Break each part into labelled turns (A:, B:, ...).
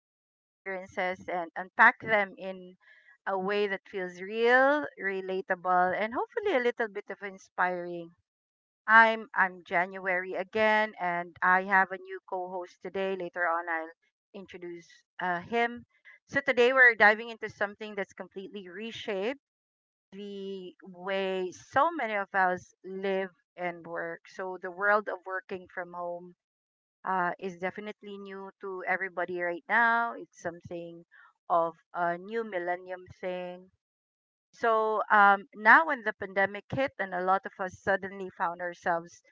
A: everyday experiences and unpack them in a way that feels real, relatable, and hopefully a little bit of inspiring. I'm January again, and I have a new co-host today. Later on, I'll introduce him. So today we're diving into something that's completely reshaped the way so many of us live and work. So the world of working from home is definitely new to everybody right now. It's something of a new millennium thing. So now, when the pandemic hit, and a lot of us suddenly found ourselves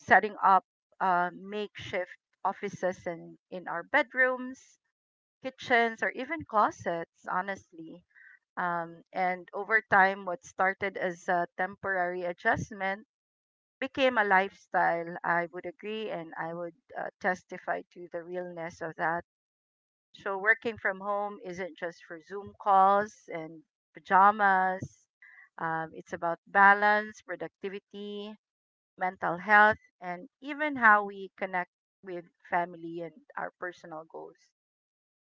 A: setting up makeshift offices in our bedrooms, kitchens, or even closets, honestly. And over time, what started as a temporary adjustment became a lifestyle. I would agree and I would testify to the realness of that. So, working from home isn't just for Zoom calls and pajamas, it's about balance, productivity, mental health, and even how we connect with family and our personal goals.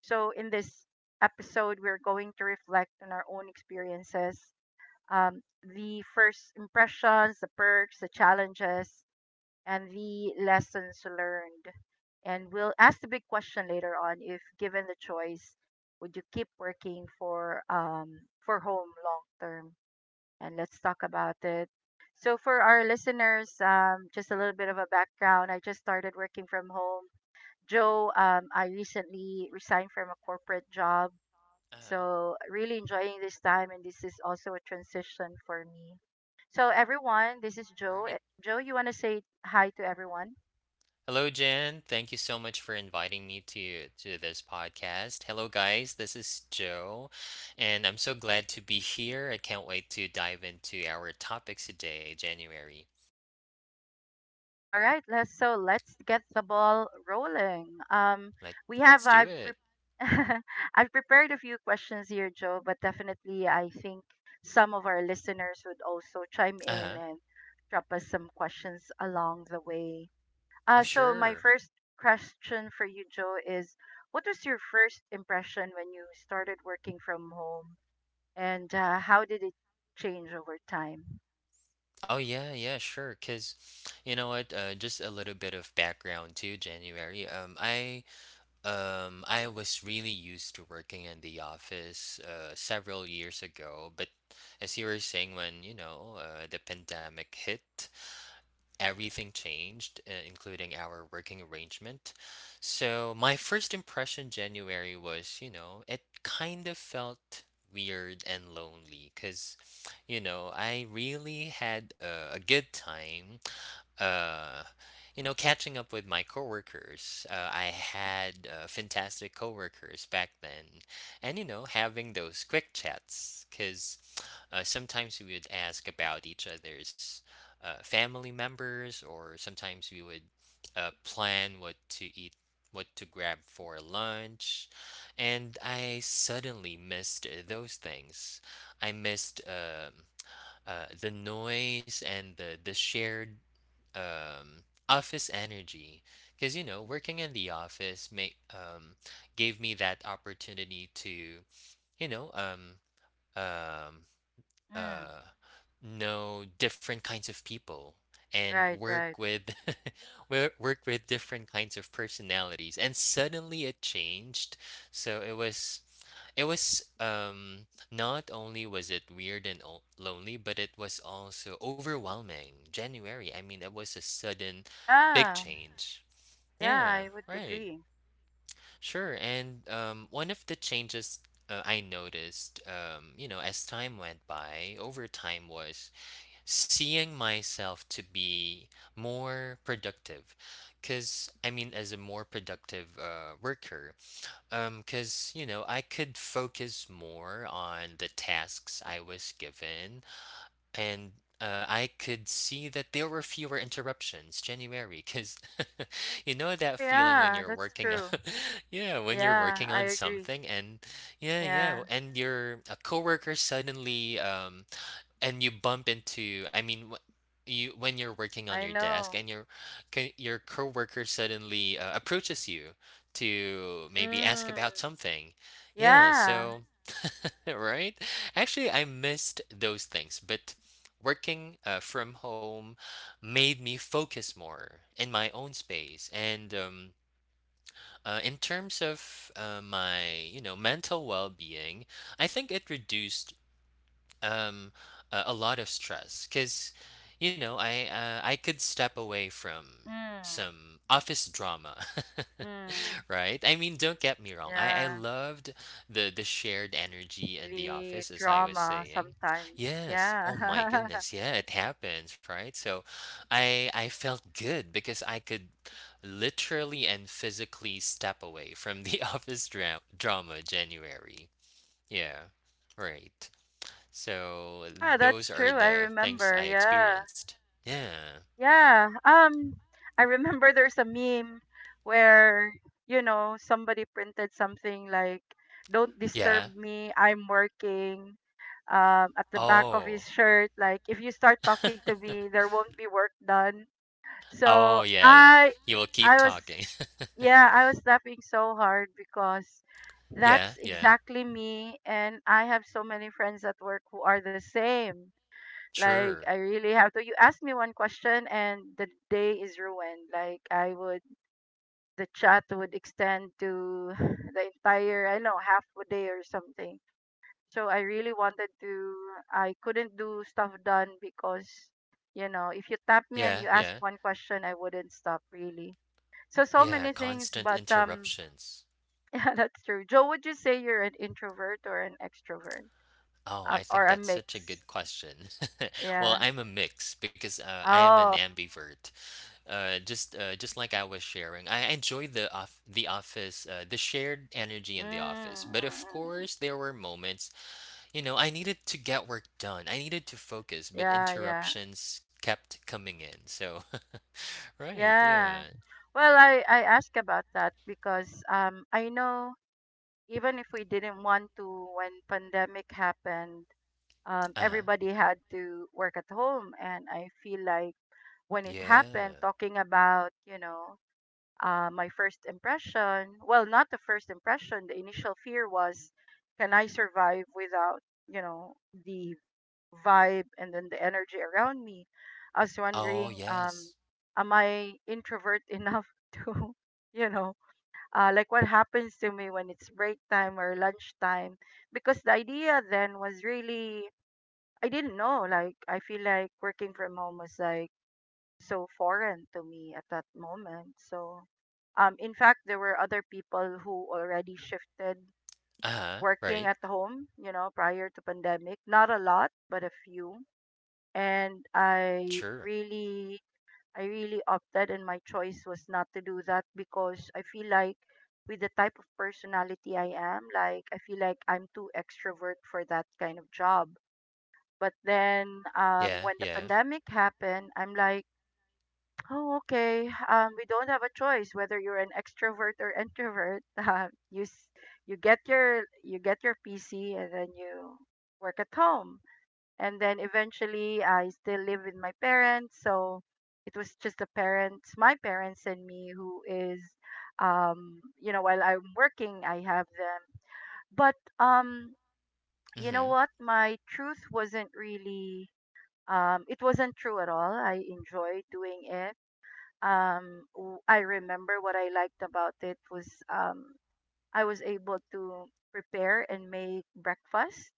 A: So, in this episode, we're going to reflect on our own experiences, um, the first impressions, the perks, the challenges, and the lessons learned. And we'll ask the big question later on, if given the choice, would you keep working for home long term? And let's talk about it. So for our listeners, just a little bit of a background. I just started working from home. Joe, I recently resigned from a corporate job,
B: Uh-huh.
A: so really enjoying this time, and this is also a transition for me. So everyone, this is Joe.
B: Great.
A: Eh, Joe, you want to say hi to everyone?
B: Hello, Jen. Thank you so much for inviting me to this podcast. Hello, guys. This is Joe, and I'm so glad to be here. I can't wait to dive into our topics today, January.
A: All right, let's so let's get the ball rolling.
B: Let
A: We have
B: Let's do
A: I've pre-
B: it.
A: I've prepared a few questions here, Joe, but definitely I think some of our listeners would also chime
B: Uh
A: in
B: huh.
A: and drop us some questions along the way.
B: Oh,
A: So my
B: sure.
A: first question for you, Joe, is what was your first impression when you started working from home, and how did it change over time?
B: Oh, yeah, yeah, sure. Cause you know what? Just a little bit of background too, January. I was really used to working in the office several years ago, but as you were saying, when the pandemic hit, everything changed, including our working arrangement. So my first impression, January, was, it kind of felt weird and lonely because, I really had a good time, uh, catching up with my coworkers. I had fantastic coworkers back then, and having those quick chats, because sometimes we would ask about each other's family members, or sometimes we would plan what to eat, what to grab for lunch, and I suddenly missed those things. I missed the noise and the shared office energy, because working in the office may gave me that opportunity to you know um um
A: Mm,
B: uh, know different kinds of people and
A: right,
B: work
A: right.
B: with work with different kinds of personalities, and suddenly it changed. So it was not only was it weird and lonely, but it was also overwhelming, January. I mean, it was a sudden big
A: Yeah,
B: change.
A: yeah,
B: Yeah.
A: I would
B: Right.
A: agree.
B: Sure, and one of the changes I noticed, as time went by, over time, was seeing myself to be more productive. Because, I mean, as a more productive worker, because, I could focus more on the tasks I was given, and I could see that there were fewer interruptions, January, cause you know
A: Oh,
B: that feeling when
A: yeah,
B: you're
A: that's
B: working on
A: true.
B: yeah, when you're
A: Yeah,
B: working
A: I
B: on
A: agree.
B: something, and yeah, yeah,
A: Yeah,
B: and your a coworker suddenly, and you bump into, I mean, wh you when you're working on
A: I
B: your desk
A: know.
B: and your coworker suddenly, approaches you to maybe ask
A: Mm,
B: about something. Yeah,
A: yeah.
B: so Right? Actually, I missed those things, but working from home made me focus more in my own space. And in terms of my, mental well-being, I think it reduced um, a lot of stress because, I could step away from
A: Mm,
B: some office drama.
A: mm,
B: Right? I mean, don't get me wrong. I
A: yeah.
B: loved the shared energy in the
A: The
B: office, as I was
A: drama
B: saying.
A: sometimes.
B: Yes.
A: Yeah.
B: Oh my goodness. Yeah, it happens, right? So I felt good because I could literally and physically step away from the office drama, January. Yeah. Right. So
A: Yeah, that's
B: those are
A: true. I
B: the things
A: remember.
B: I
A: Yeah.
B: experienced. Yeah.
A: Yeah. I remember there's a meme where you know somebody printed something like don't disturb
B: Yeah.
A: me, I'm working. At the back of his
B: Oh.
A: shirt, like if you start talking to me there won't be work done. So
B: Oh, yeah.
A: I
B: You'll keep
A: I was
B: talking.
A: yeah, I was laughing so hard because
B: Yeah,
A: that's
B: yeah.
A: exactly me, and I have so many friends at work who are the same, like I
B: Sure.
A: really have to. You ask me one question and the day is ruined. Like I would, the chat would extend to the entire, I don't know, half a day or something. So I really wanted to. I couldn't do stuff done because, you know, if you tap me and
B: Yeah,
A: you ask
B: yeah.
A: one question, I wouldn't stop really. So so
B: Yeah,
A: many things,
B: constant
A: but
B: interruptions.
A: yeah, that's true. Joe, would you say you're an introvert or an extrovert,
B: Oh, I think
A: or a
B: that's such a
A: mix?
B: good question. Well,
A: Yeah.
B: I'm a mix because I am an
A: Oh.
B: ambivert. Just like I was sharing, I enjoy the office, the shared energy
A: Mm,
B: in the office.
A: mm, mm,
B: But of
A: mm.
B: course, there were moments, I needed to get work done. I needed to focus, but
A: Yeah, yeah,
B: interruptions kept coming in. So, right,
A: yeah.
B: yeah.
A: Well, I ask about that because I know even if we didn't want to when pandemic happened,
B: Uh-huh.
A: everybody had to work at home, and I feel like when it happened,
B: Yeah.
A: talking about you know my first impression. Well, not the first impression. The initial fear was, can I survive without, you know, the vibe and then the energy around me. I was
B: Oh,
A: wondering,
B: yes.
A: am I introvert enough to, you know, like what happens to me when it's break time or lunch time? Because the idea then was really, I didn't know. Like, I feel like working from home was like so foreign to me at that moment. So, in fact, there were other people who already shifted
B: Uh-huh.
A: working
B: Right.
A: at home, you know, prior to pandemic. Not a lot, but a few, and I
B: Sure.
A: really I really opted, and my choice was not to do that because I feel like with the type of personality I am, like I feel like I'm too extrovert for that kind of job. But then
B: Yeah,
A: when the
B: yeah.
A: pandemic happened, I'm like, oh okay, we don't have a choice whether you're an extrovert or introvert. You get your PC and then you work at home, and then eventually I still live with my parents. So it was just the parents, my parents and me, who is, you know, while I'm working, I have them. But you know
B: Mhm.
A: what? My truth wasn't really, it wasn't true at all. I enjoyed doing it. I remember what I liked about it was I was able to prepare and make breakfast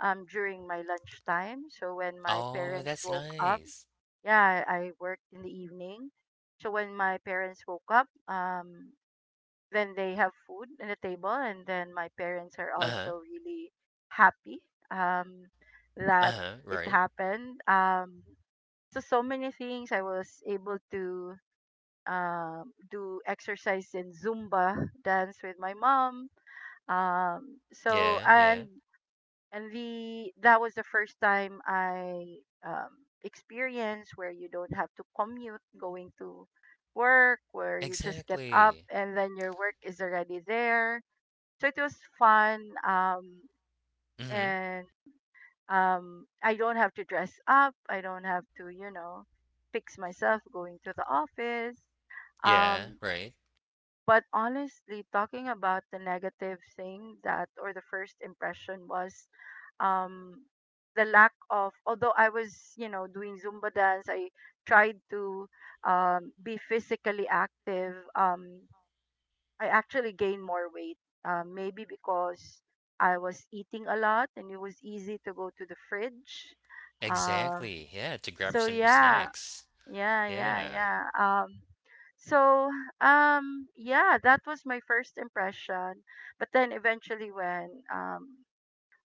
A: during my lunchtime. So when my
B: Oh,
A: parents
B: that's
A: woke up,
B: nice.
A: yeah, I worked in the evening. So when my parents woke up, then they have food on the table, and then my parents are
B: Uh-huh.
A: also really happy um, that
B: Uh-huh,
A: it
B: right.
A: happened. So so many things I was able to do exercise in Zumba dance with my mom, um, so
B: Yeah,
A: and
B: yeah.
A: and the that was the first time I um, experienced where you don't have to commute going to work, where you just get up
B: Exactly.
A: and then your work is already there. So it was fun, um,
B: Mhm.
A: and I don't have to dress up. I don't have to, you know, fix myself going to the office.
B: Yeah,
A: Um,
B: right.
A: but honestly, talking about the negative thing that or the first impression was um the lack of, although I was, you know, doing Zumba dance, I tried to be physically active. I actually gained more weight. Maybe because I was eating a lot, and it was easy to go to the fridge. Um
B: Exactly. Yeah, to grab
A: so
B: some
A: yeah,
B: snacks.
A: yeah, yeah,
B: Yeah.
A: yeah. Um so, yeah, that was my first impression. But then eventually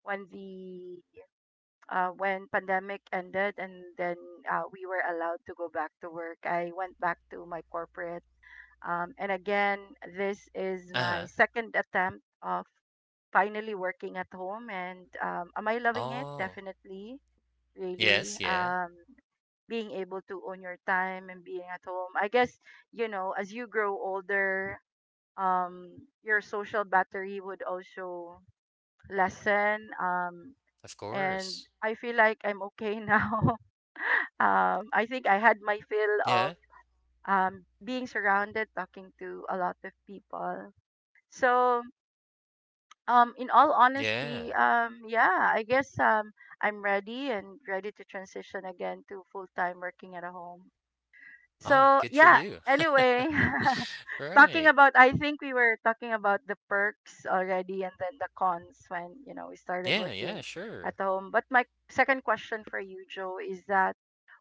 A: when the when pandemic ended, and then we were allowed to go back to work, I went back to my corporate. And again, this is my
B: Uh-huh.
A: second attempt of finally working at home, and am I loving it?
B: Oh.
A: Definitely. Really,
B: Yes, yeah.
A: being able to own your time and being at home. I guess, you know, as you grow older, um your social battery would also lessen, um
B: Of
A: and
B: course.
A: I feel like I'm okay now. I think I had my fill
B: Yeah.
A: of being surrounded talking to a lot of people, so in all honesty,
B: Yeah.
A: yeah, I guess I'm ready and ready to transition again to full time working at a home,
B: Oh,
A: so
B: good for
A: yeah,
B: you.
A: anyway, talking
B: Right.
A: about, I think we were talking about the perks already and then the cons when, you know, we started
B: Yeah, yeah,
A: working at
B: sure.
A: home. But my second question for you, Joe, is that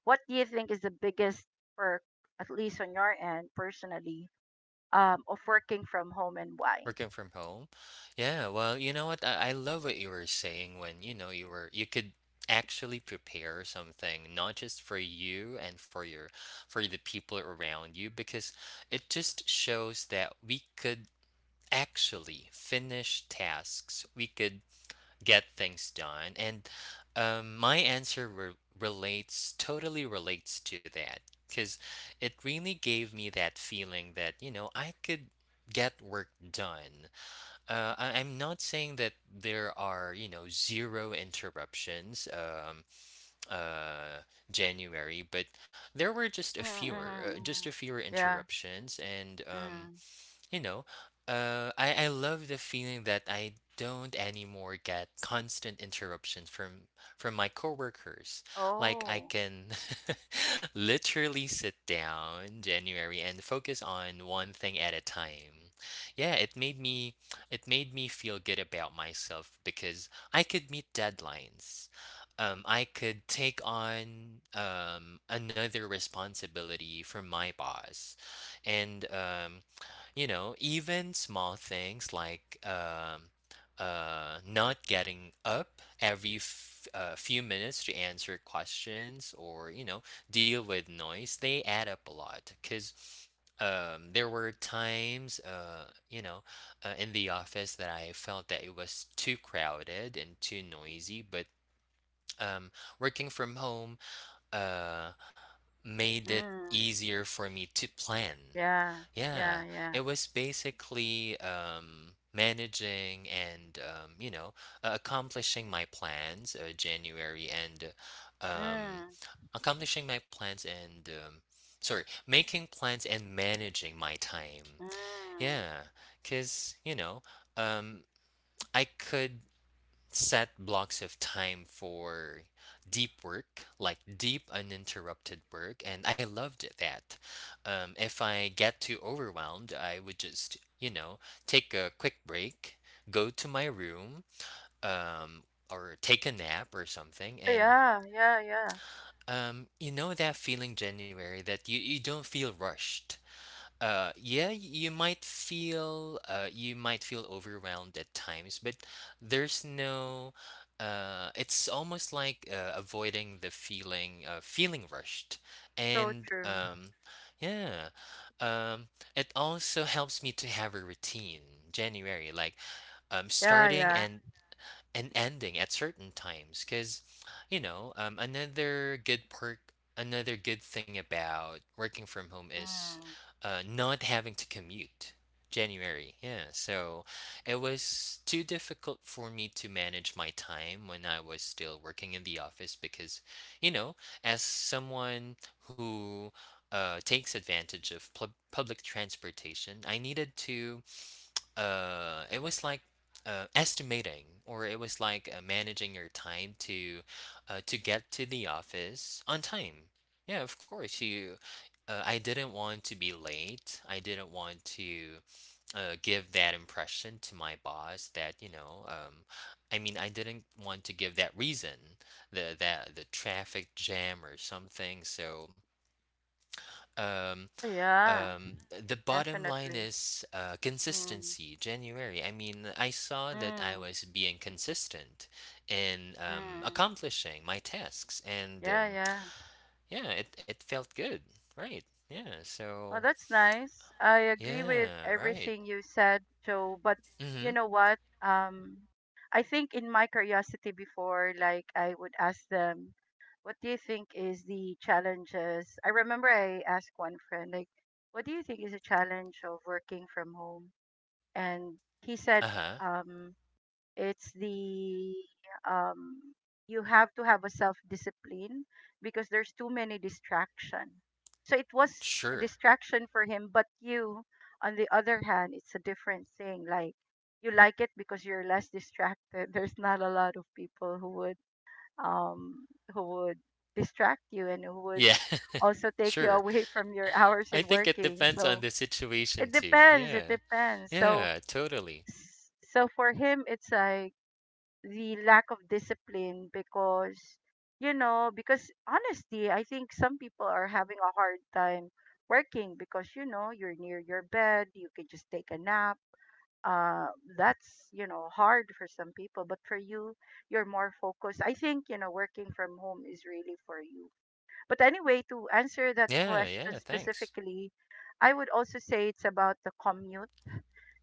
A: what do you think is the biggest perk, at least on your end personally, of working from home and why?
B: Working from home? Yeah, well, you know what? I love what you were saying, when, you could actually prepare something, not just for you and for the people around you, because it just shows that we could actually finish tasks. We could get things done. And my answer re- relates totally relates to that, because it really gave me that feeling that, I could get work done. I I'm not saying that there are, zero interruptions, uh, January, but there were
A: Mm-hmm, mm-hmm,
B: just
A: mm-hmm.
B: a fewer
A: Yeah.
B: interruptions, and
A: Mm.
B: you know, I love the feeling that I don't anymore get constant interruptions from my coworkers. Like I
A: Oh.
B: can literally sit down, January, and focus on one thing at a time. Yeah, it made me feel good about myself because I could meet deadlines. I could take on another responsibility from my boss, and even small things like not getting up every few minutes to answer questions or, deal with noise, they add up a lot. Because there were times, in the office, that I felt that it was too crowded and too noisy, but um, working from home, uh, made it
A: Mm.
B: easier for me to plan.
A: Yeah.
B: Yeah,
A: Yeah. Yeah.
B: it was basically managing and accomplishing my plans, January, and uh, um,
A: Mm.
B: accomplishing my plans, and sorry, making plans and managing my time.
A: Mm.
B: Yeah, because um, I could set blocks of time for deep work, like deep uninterrupted work, and I loved that. If I get too overwhelmed, I would just, take a quick break, go to my room, um, or take a nap or something,
A: Oh
B: and
A: yeah. Yeah. Yeah.
B: you know that feeling, January, that you don't feel rushed. Yeah, you might feel overwhelmed at times, but there's no, it's almost like avoiding the feeling rushed.
A: So
B: And
A: true.
B: yeah, um, it also helps me to have a routine, January, like
A: Yeah.
B: starting
A: Yeah.
B: and an ending at certain times, because you know um, another good perk another good thing about working from home is
A: Mm.
B: not having to commute, January. Yeah, so it was too difficult for me to manage my time when I was still working in the office, because you know as someone who takes advantage of public transportation, I needed to, it was like, estimating, or it was like managing your time to to get to the office on time. Yeah, of course, you I didn't want to be late. I didn't want to give that impression to my boss that I mean, I didn't want to give that reason, the traffic jam or something. So um,
A: Oh yeah,
B: the bottom line
A: definitely.
B: is,
A: Mm,
B: consistency, January. I mean, I saw that I
A: mm,
B: was being consistent in
A: mm.
B: accomplishing my tasks, and
A: Yeah, yeah.
B: yeah, it felt good. Right. Yeah.
A: Well,
B: So,
A: that's nice. I agree with
B: yeah, right.
A: everything you said, Joe. But
B: Mm-hmm.
A: you know what? I think in my curiosity before, like I would ask them, "What do you think is the challenges?" I remember I asked one friend, like, "What do you think is a challenge of working from home?" And he said,
B: Uh-huh.
A: um, it's the um you have to have a self discipline because there's too many distraction, so it was a
B: Sure.
A: distraction for him, but you, on the other hand, it's a different thing. Like you like it because you're less distracted. There's not a lot of people who would um who would distract you and who would
B: Yeah.
A: also take you
B: Sure.
A: away from your hours
B: I
A: in
B: think it
A: working,
B: depends on
A: so
B: the situation
A: it
B: too.
A: depends it
B: Yeah.
A: depends so
B: Yeah, totally.
A: so for him it's like the lack of discipline because, you know, because honestly I think some people are having a hard time working because, you know, you're near your bed, you can just take a nap. uh that's, you know, hard for some people, but for you, you're more focused. I think, you know, working from home is really for you. But anyway, to answer that
B: Yeah,
A: question
B: yeah, thanks.
A: specifically, I would also say it's about the commute,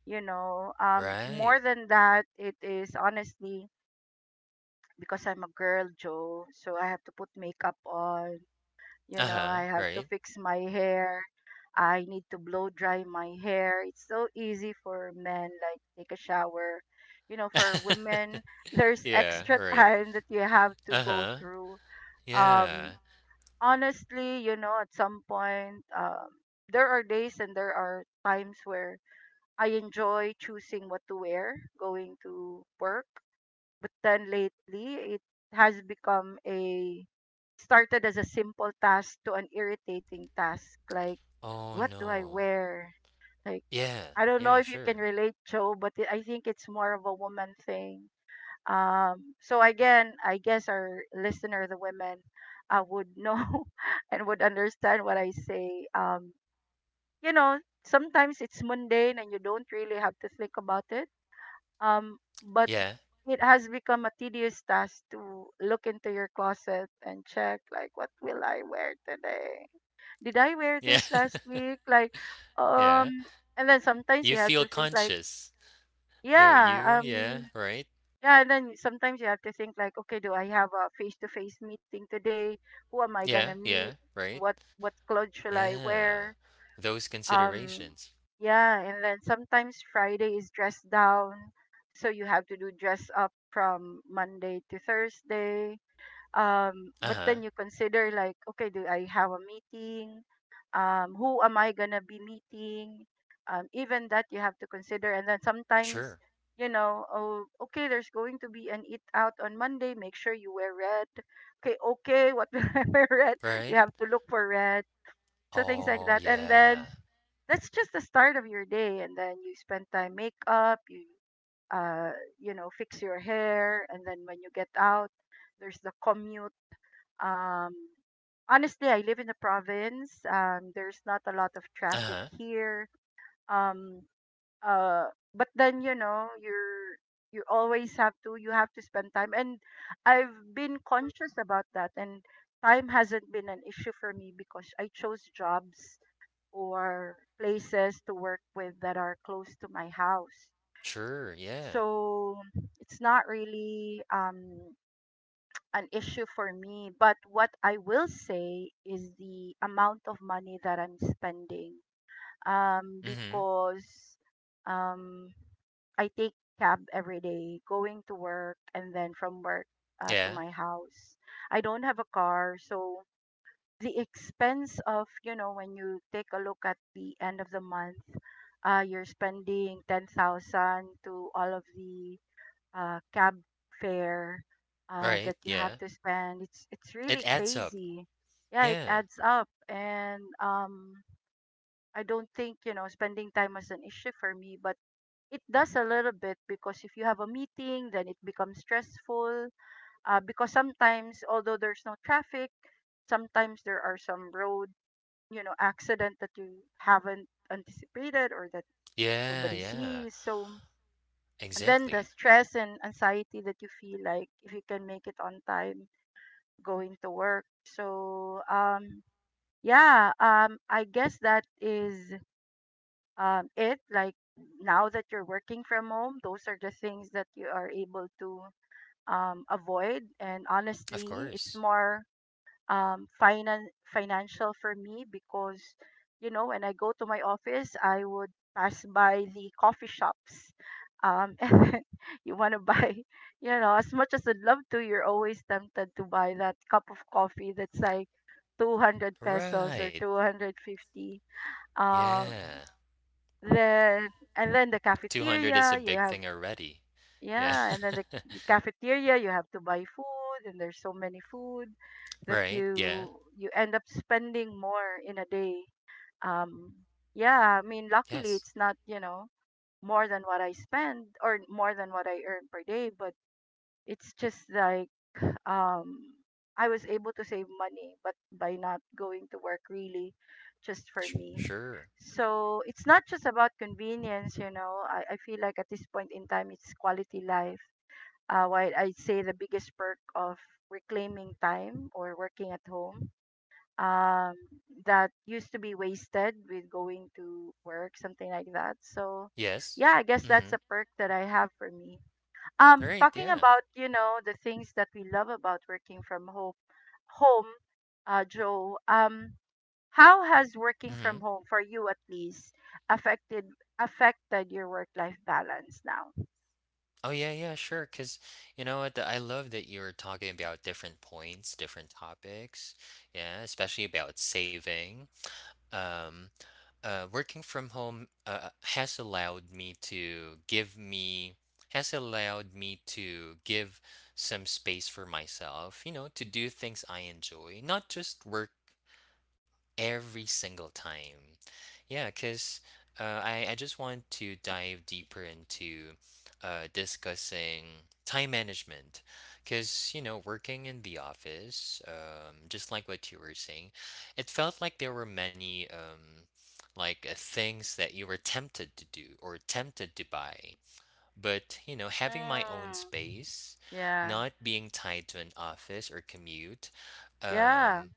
A: you know. More
B: Right.
A: than that, it is honestly because I'm a girl, Joe. So I have to put makeup on. You know, I
B: Uh-huh,
A: have to
B: right.
A: fix my hair. I need to blow dry my hair. It's so easy for men, like take a shower. You know, for women, there's
B: Yeah,
A: extra
B: right.
A: time that you have to go
B: Uh-huh.
A: through. Um,
B: Yeah.
A: Honestly, you know, at some point, there are days and there are times where I enjoy choosing what to wear going to work, but then lately, it has become a started as a simple task to an irritating task. Like,
B: Oh,
A: what do I
B: no.
A: wear? Like,
B: Yeah.
A: I don't know
B: Yeah,
A: if you can
B: sure.
A: relate, Joe, but I think it's more of a woman thing. So again, I guess our listener, the women, would know and would understand what I say. You know, sometimes it's mundane and you don't really have to think about it. Um, but
B: Yeah.
A: it has become a tedious task to look into your closet and check, like, what will I wear today? Did I wear
B: Yeah.
A: this last week? Like,
B: Yeah.
A: um and then sometimes
B: You
A: you have
B: feel
A: to think like,
B: conscious, don't
A: yeah,
B: you? Yeah, right?
A: yeah, and then sometimes you have to think like, okay, do I have a face-to-face meeting today? Who am I going to
B: Yeah,
A: meet?
B: yeah, right?
A: What clothes shall I
B: Yeah.
A: wear?
B: Those
A: um
B: considerations.
A: yeah, and then sometimes Friday is dress down, so you have to do dress up from Monday to Thursday. But
B: Uh-huh.
A: then you consider like, okay, do I have a meeting? Who am I gonna be meeting? Even that you have to consider. And then sometimes,
B: Sure.
A: you know, oh, okay, there's going to be an eat out on Monday, make sure you wear red. Okay, okay, what will I wear red? You
B: Right?
A: have to look for red. So things like
B: Oh,
A: that, and then
B: yeah.
A: that's just the start of your day. And then you spend time makeup, you uh you know, fix your hair, and then when you get out, there's the commute. Um, honestly, I live in the province. There's not a lot of traffic
B: Uh-huh.
A: here. um uh but then, you know, you're, you always have to, you have to spend time. And I've been conscious about that, and time hasn't been an issue for me, because I chose jobs or places to work with that are close to my house.
B: Sure. Yeah.
A: So it's not really, an issue for me. But what I will say is the amount of money that I'm spending,
B: Mm-hmm.
A: because um I take cab every day, going to work and then from work to
B: Yeah.
A: my house. I don't have a car, so the expense of, you know, when you take a look at the end of the month, you're spending 10,000 to all of the cab fare
B: Right.
A: that you have
B: Yeah.
A: to spend. It's
B: It
A: really
B: adds up.
A: crazy. Yeah, it
B: Yeah.
A: adds up. And I don't think, you know, spending time was an issue for me, but it does a little bit, because if you have a meeting then it becomes stressful, because sometimes, although there's no traffic, sometimes there are some road, you know, accident that you haven't anticipated or that
B: Yeah,
A: nobody
B: yeah.
A: sees. So then the
B: Exactly.
A: stress and anxiety that you feel, like if you can make it on time going to work. So yeah, I guess that is, it, like, now that you're working from home, those are the things that you are able to avoid. And
B: Of
A: honestly, it's
B: course.
A: more financial for me, because, you know, when I go to my office, I would pass by the coffee shops, and then you want to buy, you know, as much as I'd love to, you're always tempted to buy that cup of coffee that's like 200 pesos or
B: Right.
A: 250. um
B: Yeah.
A: then, and then the
B: 200 is a
A: cafeteria, you
B: big
A: have,
B: thing already. Yeah.
A: yeah, and then the cafeteria, you have to buy food and there's so many food that
B: Right, yeah.
A: you end up spending more in a day. Um yeah, I mean, luckily
B: Yes.
A: it's not, you know, more than what I spend or more than what I earn per day, but it's just like, um I was able to save money but by not going to work, really, just for
B: Sh
A: me.
B: sure.
A: So it's not just about convenience, you know. I feel like at this point in time it's quality life. Uh, while I'd say the biggest perk of reclaiming time or working at home, um that used to be wasted with going to work, something like that. So
B: Yes.
A: yeah, I guess that's a
B: Mhm.
A: perk that I have for me.
B: Right,
A: Talking
B: yeah.
A: about, you know, the things that we love about working from home, home, Joe, how has working from
B: Mhm.
A: home for you at least affected, affected your work life balance now?
B: Oh, yeah, yeah, sure. Cause you know what? I love that you were talking about different points, different topics, yeah, especially about saving. Um working from home has allowed me to give some space for myself, to do things I enjoy, not just work. Every single time. Yeah, 'cause I just want to dive deeper into discussing time management, cause working in the office, just like what you were saying, it felt like there were many, things that you were tempted to do or tempted to buy. But, having my own
A: Mm,
B: space,
A: yeah.
B: not being tied to an office or commute,
A: Yeah,
B: um,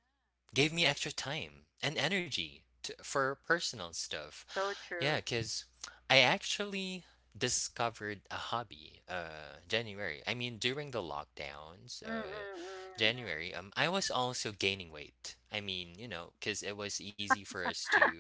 B: gave me extra time and energy for personal stuff.
A: so
B: Yeah,
A: true.
B: because I actually discovered a hobby, January. I mean, during the lockdowns,
A: Mm, mm,
B: January, I was also gaining weight. I mean, cuz it was easy for us to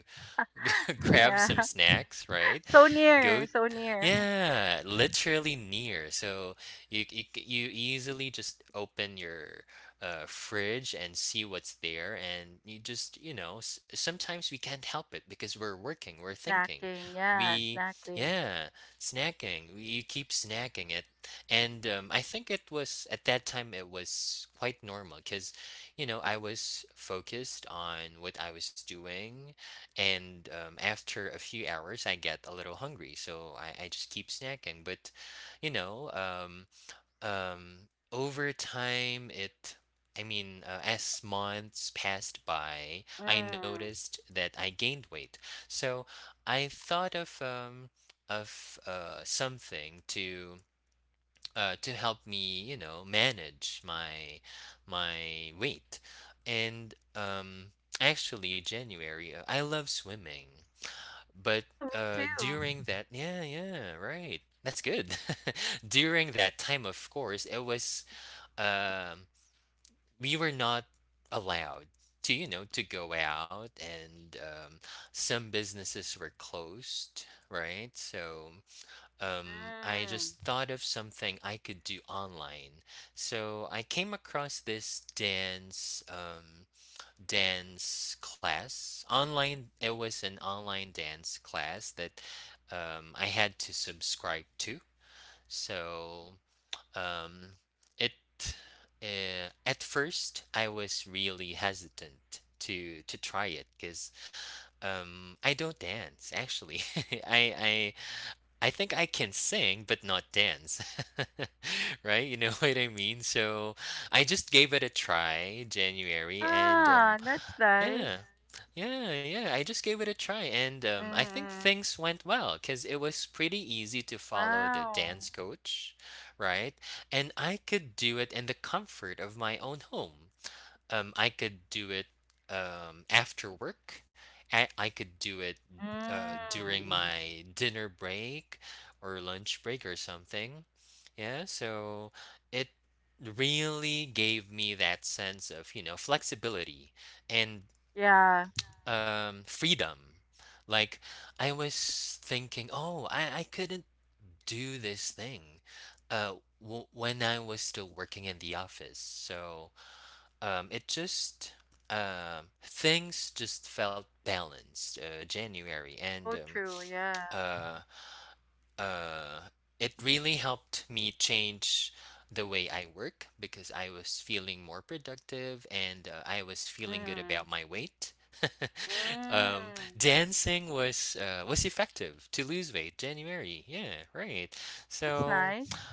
A: mm, mm.
B: grab some
A: Yeah.
B: snacks, right?
A: So
B: Go
A: near, so near.
B: Yeah, literally near. So you easily just open your fridge and see what's there, and you just sometimes we can't help it because we're working, we're thinking,
A: Snacking, yeah,
B: we
A: snacking.
B: yeah, snacking. You keep snacking it, and I think it was at that time it was quite normal because I was focused on what I was doing, and after a few hours, I get a little hungry, so I just keep snacking. But, you know, um, over time, I mean, as months passed by, I
A: Mm.
B: noticed that I gained weight. So I thought of something to to help me, manage my weight. And actually, January, I love swimming. But,
A: Oh, me too.
B: during that Yeah, yeah, right. That's good. During that time, of course, it was, um, we were not allowed to go out, and, some businesses were closed, right? So, I
A: Mm.
B: just thought of something I could do online. So I came across this dance class online. It was an online dance class that I had to subscribe to. So um, it uh, at first, I was really hesitant to try it because, I don't dance, actually. I, I I think I can sing but not dance. Right, you know what I mean? So I just gave it a try, January. And
A: Ah, that's
B: Yeah,
A: nice.
B: yeah, yeah, I just gave it a try, and I think
A: Mm-mm.
B: things went well because it was pretty easy to follow the
A: Wow.
B: dance coach, right? And I could do it in the comfort of my own home. I could do it, after work. I could do it, during
A: Mm.
B: my dinner break or lunch break or something. Yeah, so it really gave me that sense of, flexibility and
A: Yeah.
B: um, freedom. Like I was thinking, oh, I couldn't do this thing, uh, w when I was still working in the office. So it just things just felt balanced, January, and
A: So
B: um,
A: true. Yeah.
B: uh, uh, it really helped me change the way I work because I was feeling more productive, and I was feeling good
A: Mm.
B: about my weight.
A: Mm.
B: Dancing was effective to lose weight, January. Yeah, right.
A: Oh, that's
B: So
A: nice.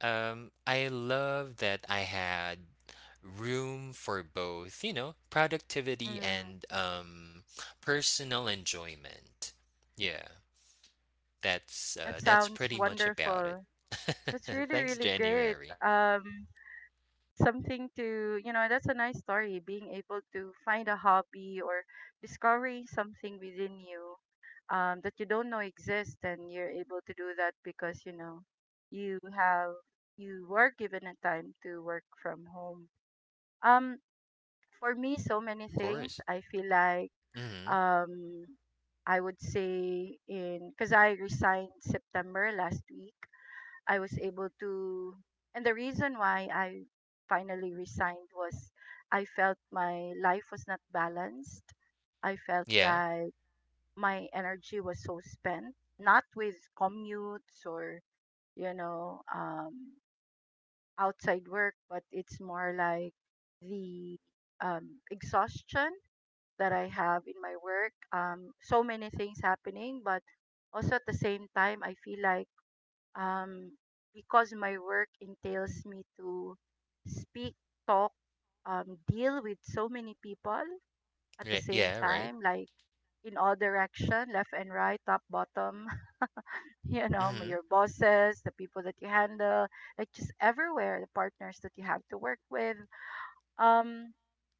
B: um, I love that I had room for both, productivity
A: Mm.
B: and personal enjoyment. Yeah. That's,
A: Oh, that
B: uh, that's
A: sounds
B: pretty much about it.
A: wonderful. That's really,
B: Thanks,
A: really great.
B: January.
A: Something to, you know, that's a nice story, being able to find a hobby or discovering something within you, that you don't know exists, and you're able to do that because, you know, you have, you were given a time to work from home. um for me, so many
B: Of
A: things,
B: course.
A: I feel like,
B: Mhm.
A: um I would say in, because I resigned September last week, I was able to, and the reason why I finally resigned was I felt my life was not balanced. I felt
B: Yeah.
A: like my energy was so spent, not with commutes or, you know, outside work, but it's more like the, exhaustion that I have in my work. So many things happening, but also at the same time, I feel like, um, because my work entails me to speak, talk, deal with so many people at the
B: Ye
A: same
B: yeah, right.
A: time, like in all direction, left and right, top, bottom, you know,
B: Mhm.
A: your bosses, the people that you handle, like just everywhere, the partners that you have to work with. Um,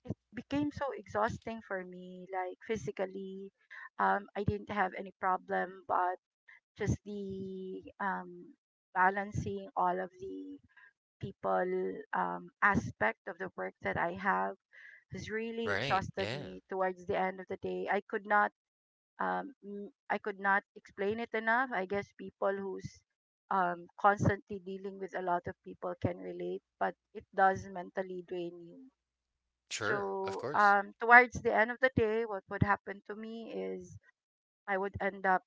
A: it became so exhausting for me, like physically. I didn't have any problem, but just the, balancing all of the people, aspect of the work that I have, has really
B: Right,
A: exhausted
B: yeah.
A: me. Towards the end of the day, I could not, I could not explain it enough. I guess people who's constantly dealing with a lot of people can relate, but it does mentally drain you.
B: Sure, of
A: So,
B: course.
A: towards the end of the day, what would happen to me is I would end up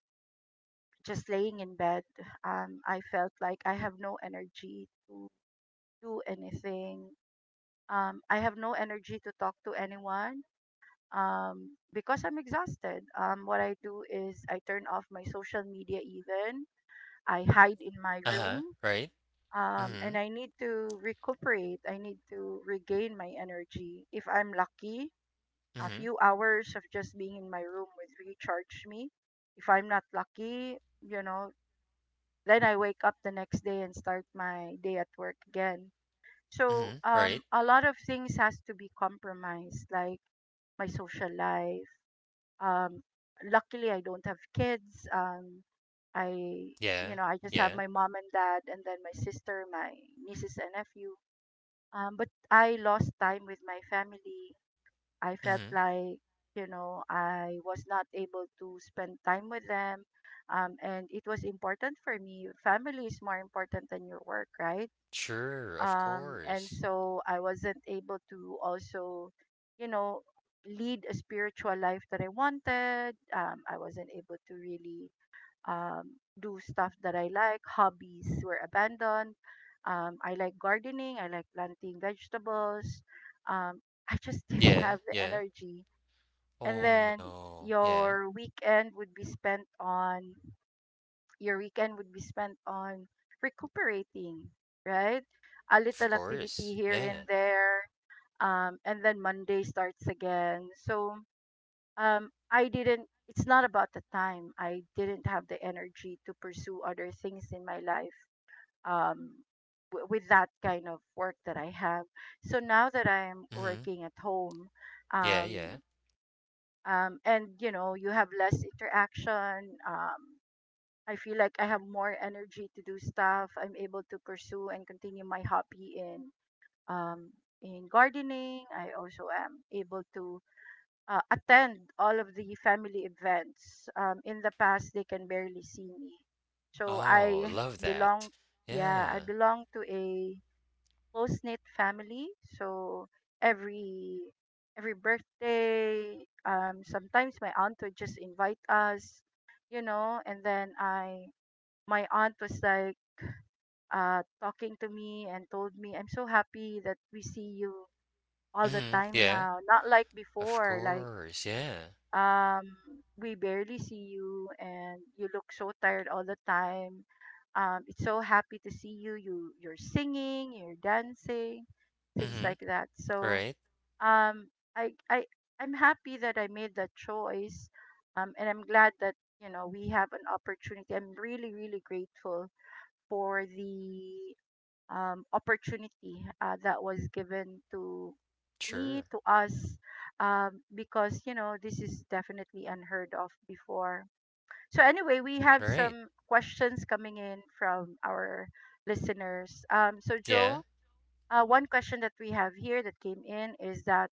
A: just laying in bed, I felt like I have no energy to do anything. I have no energy to talk to anyone, because I'm exhausted. What I do is I turn off my social media, even. I hide in my room.
B: Uh-huh, right.
A: And
B: Mhm,
A: I need to recuperate. I need to regain my energy. If I'm lucky, a
B: mhm,
A: few hours of just being in my room would recharge me. If I'm not lucky, you know, then I wake up the next day and start my day at work again. So,
B: mhm, right.
A: a lot of things has to be compromised, like my social life. Um, luckily, I don't have kids. I, you
B: Yeah,
A: know, I just have
B: yeah.
A: my mom and dad, and then my sister, my nieces and nephew. But I lost time with my family, I felt
B: Mhm.
A: like, you know, I was not able to spend time with them. And it was important for me. Family is more important than your work, right?
B: Sure, of
A: And
B: course.
A: so I wasn't able to also, you know, lead a spiritual life that I wanted. I wasn't able to really do stuff that I like. Hobbies were abandoned. I like gardening, I like planting vegetables. Um, I just didn't
B: Yeah,
A: have the
B: yeah.
A: energy. And
B: Oh,
A: then
B: no. Yeah.
A: your weekend would be spent on your weekend would be spent on recuperating, right, a
B: Of
A: little activity
B: course.
A: here
B: Yeah.
A: and there, and then Monday starts again. So, I didn't, it's not about the time, I didn't have the energy to pursue other things in my life, um, with that kind of work that I have. So now that I'm
B: Mhm.
A: working at home,
B: Yeah,
A: um,
B: yeah.
A: and you know, you have less interaction, I feel like I have more energy to do stuff. I'm able to pursue and continue my hobby in, um, in gardening. I also am able to attend all of the family events. In the past they can barely see me, so
B: Oh,
A: I
B: love
A: belong,
B: that.
A: yeah, I
B: Yeah.
A: belong to a close knit family. So every every birthday, sometimes my aunt would just invite us, you know. And then I, my aunt was like, talking to me and told me, "I'm so happy that we see you all the
B: Mhm.
A: time
B: Yeah.
A: now. Not like
B: Of
A: before, like,
B: course, yeah.
A: um we barely see you and you look so tired all the time. It's so happy to see you, you're singing, you're dancing, things
B: Mhm.
A: like that." So
B: Right.
A: um i i I'm happy that I made that choice. Um and I'm glad that, you know, we have an opportunity. I'm really, really grateful for the opportunity, that was given to me
B: Sure.
A: to us, because you know this is definitely unheard of before. So anyway, we have
B: Right.
A: some questions coming in from our listeners. So, Joe,
B: Yeah.
A: one question that we have here that came in is that,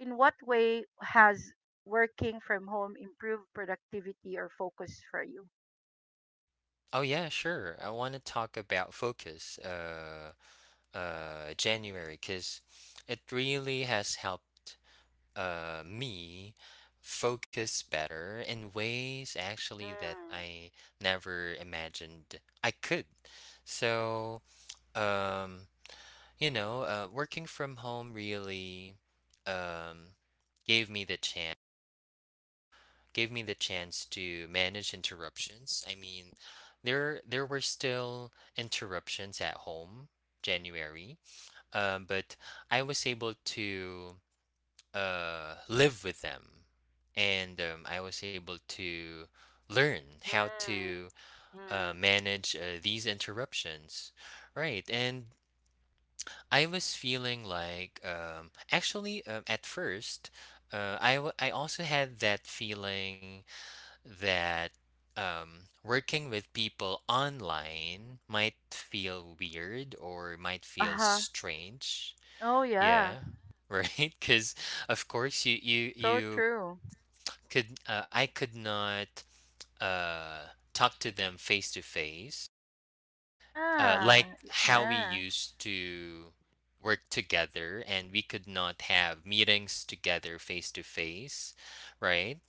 A: in what way has working from home improved productivity or focus for you?
B: Oh yeah, sure. I want to talk about focus, January, because it really has helped me focus better in ways, actually, that
A: Mm.
B: I never imagined I could. So, um working from home really um gave me the chance gave me the chance to manage interruptions. I mean, there were still interruptions at home, January, but I was able to, live with them, and I was able to learn how
A: Mm.
B: to,
A: Mm.
B: manage, these interruptions. Right, and I was feeling like, actually, at first. I also had that feeling that, working with people online might feel weird or might feel
A: Uh-huh.
B: strange.
A: Oh yeah.
B: Yeah, right. Because of course you you
A: So
B: you
A: true.
B: could I could not, uh, talk to them face to face, like
A: Yeah,
B: how we
A: yeah.
B: used to work together, and we could not have meetings together face to face, right,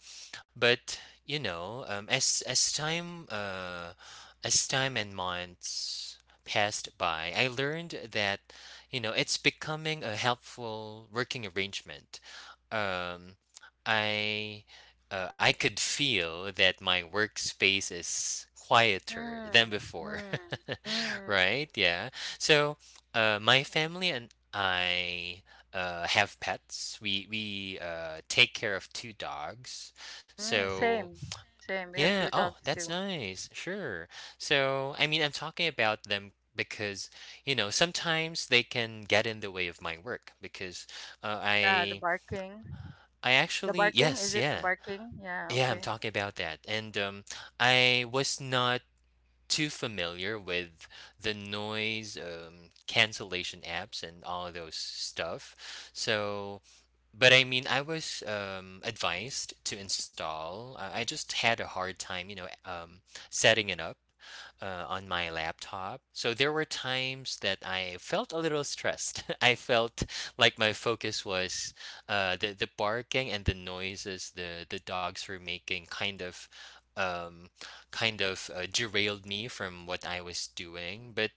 B: but you know um, as as time uh, as time and months passed by, I learned that it's becoming a helpful working arrangement. Um, i uh, i could feel that my workspace is quieter than
A: Mm.
B: before.
A: Mm. Mm.
B: Right, yeah. So, my family and I, have pets. We take care of two dogs.
A: Mm.
B: So,
A: Same, same. We have
B: yeah,
A: two
B: oh,
A: dogs
B: that's
A: too.
B: nice. Sure. So, I mean, I'm talking about them because, sometimes they can get in the way of my work because uh,
A: Yeah, the
B: I
A: barking. The barking,
B: yes,
A: is it the
B: yeah.
A: barking? Yeah,
B: Yeah, I'm
A: okay.
B: talking about that. And I was not too familiar with the noise, cancellation apps and all of those stuff. So but I mean, I was, advised to install. I just had a hard time, setting it up, on my laptop. So there were times that I felt a little stressed. I felt like my focus was the barking and the noises the dogs were making um kind of derailed me from what I was doing, but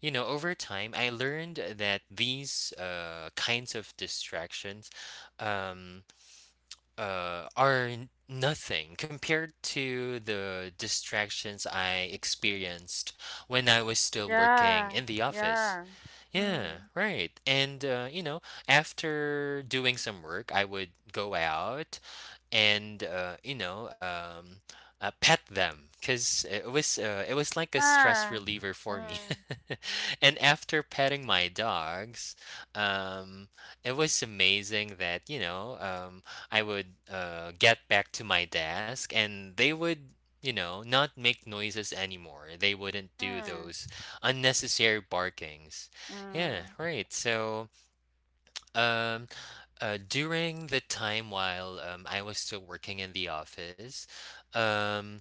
B: over time I learned that these kinds of distractions, um, are nothing compared to the distractions I experienced when I was still working
A: Yeah,
B: in the office.
A: yeah.
B: Yeah,
A: Mm,
B: right. And, after doing some work, I would go out and pet them because it was like a stress
A: yeah.
B: reliever for me.
A: Mm.
B: And after petting my dogs, um, it was amazing that I would, get back to my desk, and they would not make noises anymore. They wouldn't do
A: Mm.
B: those unnecessary barkings. Yeah,
A: Mm.
B: right. So um uh, during the time while, I was still working in the office, um,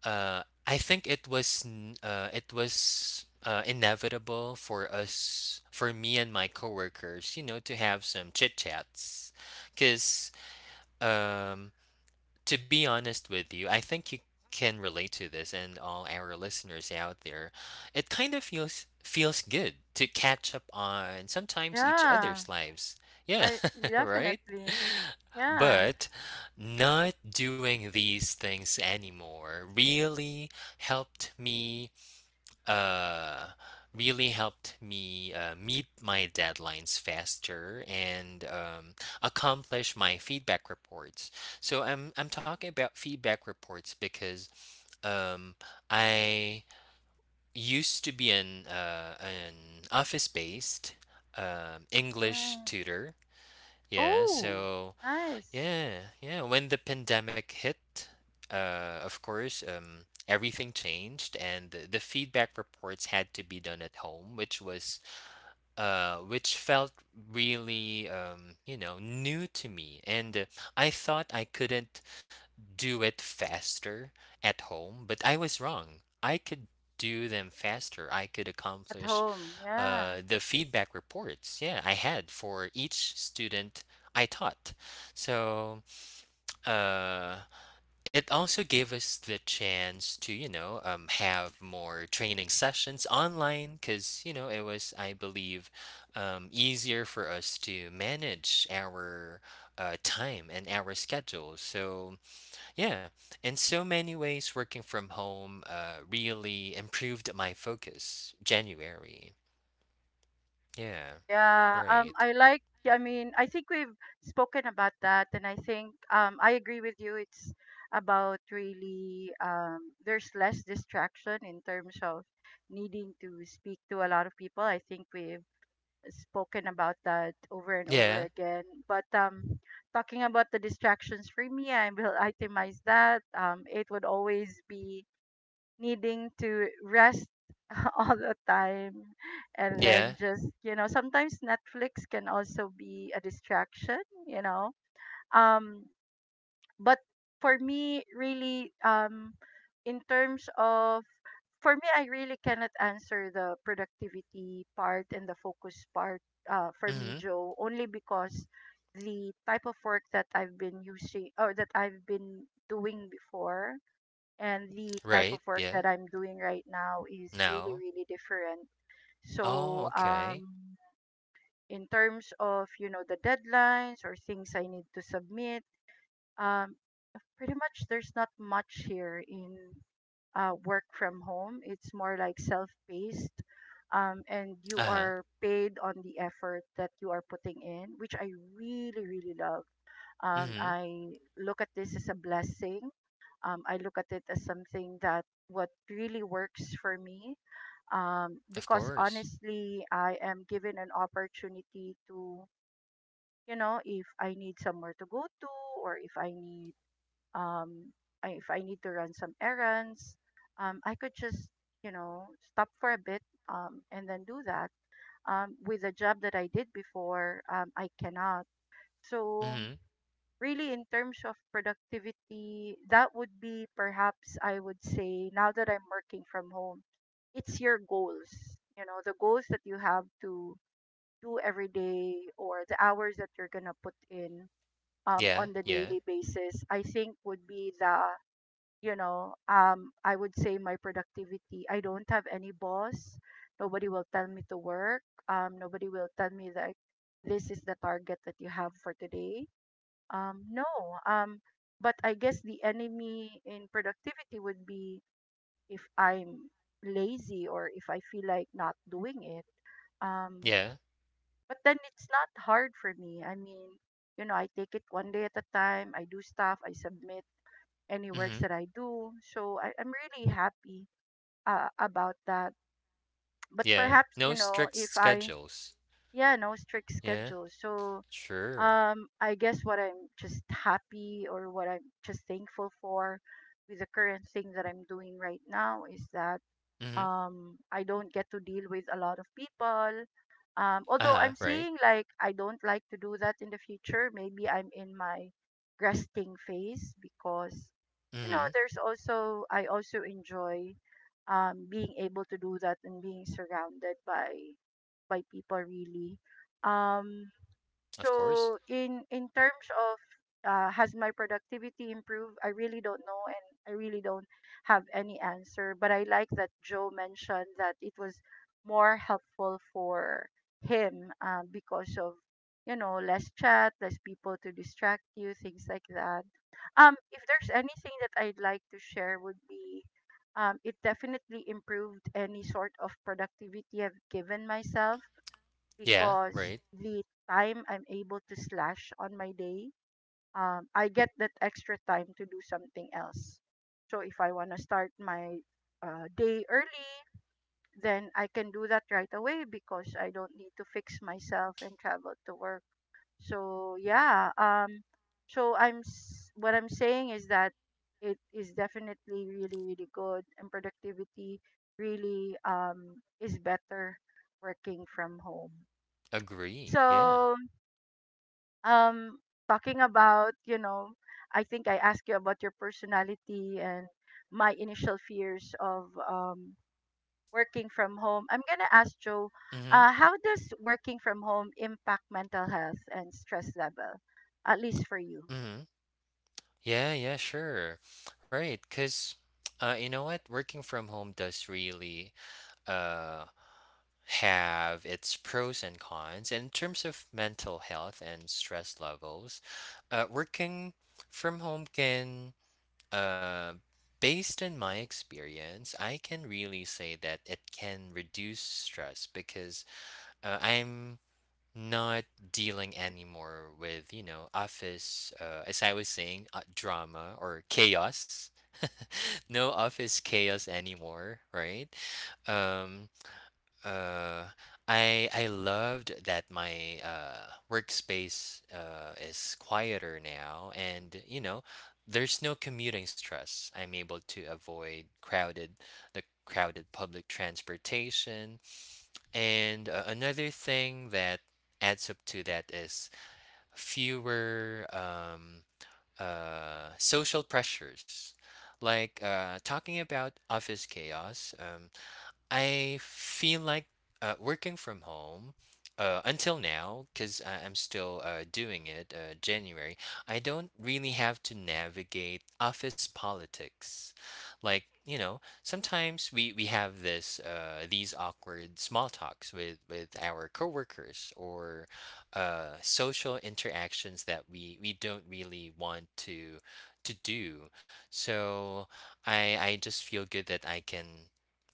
B: I think it was inevitable for us, for me and my coworkers, to have some chit chats, because, um, to be honest with you, I think you can relate to this, and all our listeners out there, it kind of feels good to catch up on sometimes each
A: Yeah,
B: other's lives. Yeah,
A: I
B: right.
A: definitely. Yeah.
B: But not doing these things anymore helped me uh really helped me meet my deadlines faster, and accomplish my feedback reports. So I'm talking about feedback reports because, um, I used to be an office based, English
A: Mm.
B: tutor. Yeah,
A: Oh,
B: so
A: nice.
B: yeah, yeah. When the pandemic hit, of course, everything changed, and the feedback reports had to be done at home, which felt really, new to me. And I thought I couldn't do it faster at home, but I was wrong. I could do them faster. I could
A: At
B: accomplish,
A: home. Yeah.
B: the feedback reports. Yeah, I had for each student I taught. So uh it also gave us the chance to have more training sessions online because it was, I believe, easier for us to manage our time and our schedule. So yeah, in so many ways, working from home really improved my focus, January. Yeah,
A: Oh yeah.
B: right.
A: I like, I mean, I think we've spoken about that, and I think I agree with you. It's about really, there's less distraction in terms of needing to speak to a lot of people. I think we've spoken about that over and over
B: Yeah,
A: again. But talking about the distractions, for me, I will itemize that. It would always be needing to rest all the time, and then
B: yeah.
A: just, you know, sometimes Netflix can also be a distraction, you know. um but for me, really, in terms of, for me, I really cannot answer the productivity part and the focus part, for me,
B: Mm-hmm.
A: Joe, only because the type of work that I've been using or that I've been doing before and the type of
B: Right,
A: work
B: yeah.
A: that I'm doing right now is really,
B: Now.
A: really different.
B: Oh,
A: So
B: okay.
A: in terms of, you know, the deadlines or things I need to submit, um pretty much there's not much here in work from home. It's more like self-paced. And you
B: Uh-huh.
A: are paid on the effort that you are putting in, which I really, really love.
B: Mm-hmm.
A: I look at this as a blessing. I look at it as something that what really works for me.
B: Of
A: Because
B: course.
A: honestly, I am given an opportunity to, you know, if I need somewhere to go to, or if I need, um, if I need to run some errands, I could just, you know, stop for a bit, and then do that. With the job that I did before, I cannot. So,
B: Mhm.
A: really, in terms of productivity, that would be, perhaps I would say, now that I'm working from home, it's your goals. You know, the goals that you have to do every day or the hours that you're gonna put in
B: Yeah,
A: on the
B: yeah,
A: daily basis, I think would be the, you know, I would say my productivity. I don't have any boss. Nobody will tell me to work. Nobody will tell me that this is the target that you have for today, no. Um, but I guess the enemy in productivity would be if I'm lazy or if I feel like not doing it. Um,
B: yeah.
A: but then it's not hard for me. I mean, you know, I take it one day at a time. I do stuff. I submit any
B: Mhm.
A: works that I do. So I'm really happy about that. But
B: Yeah.
A: perhaps,
B: No
A: you know,
B: strict
A: if I—
B: schedules.
A: yeah, no strict
B: Yeah,
A: schedule. So
B: sure.
A: I guess what I'm just happy or what I'm just thankful for with the current thing that I'm doing right now is that
B: Mhm.
A: I don't get to deal with a lot of people. Although
B: Uh-huh,
A: I'm
B: right.
A: saying like I don't like to do that in the future, maybe I'm in my resting phase, because you know
B: Mhm.
A: there's also, I also enjoy being able to do that and being surrounded by people really. Um
B: Of course.
A: so in terms of, has my productivity improved? I really don't know, and I really don't have any answer. But I like that Joe mentioned that it was more helpful for him because of, you know, less chat, less people to distract you, things like that. If there's anything that I'd like to share, would be it definitely improved any sort of productivity I've given myself,
B: Yeah,
A: because
B: right.
A: the time I'm able to slash on my day, I get that extra time to do something else. So if I want to start my day early, then I can do that right away, because I don't need to fix myself and travel to work. So yeah, so what I'm saying is that it is definitely really, really good, and productivity really is better working from home.
B: Agree. Yeah.
A: So um talking about, you know, I think I asked you about your personality and my initial fears of working from home, I'm gonna ask Joe,
B: Mhm.
A: how does working from home impact mental health and stress level, at least for you?
B: Mhm. Yeah, yeah, sure. Right, 'cause you know what? Working from home does really, uh have its pros and cons in terms of mental health and stress levels. Working from home can Uh, Based on my experience, I can really say that it can reduce stress because, I'm not dealing anymore with, office, as I was saying, drama or chaos. No office chaos anymore, right? Um, uh, I loved that my, workspace, is quieter now, and, there's no commuting stress. I'm able to avoid crowded the crowded public transportation, and another thing that adds up to that is fewer, social pressures. Like, talking about office chaos, I feel like, working from home, until now, because I'm still, doing it, January, I don't really have to navigate office politics. Like, sometimes we have this these awkward small talks with our coworkers or, social interactions that we don't really want to do. So I just feel good that I can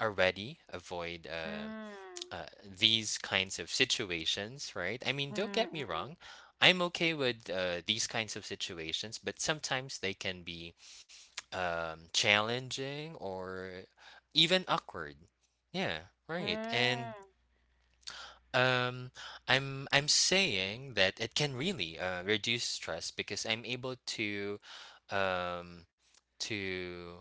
B: already avoid,
A: Mm.
B: these kinds of situations, right? I mean, don't
A: Mm.
B: get me
A: Mm.
B: wrong. I'm okay with, these kinds of situations, but sometimes they can be, challenging or even awkward. Yeah, right. And
A: Mm.
B: um, I'm saying that it can really, reduce stress because I'm able um, to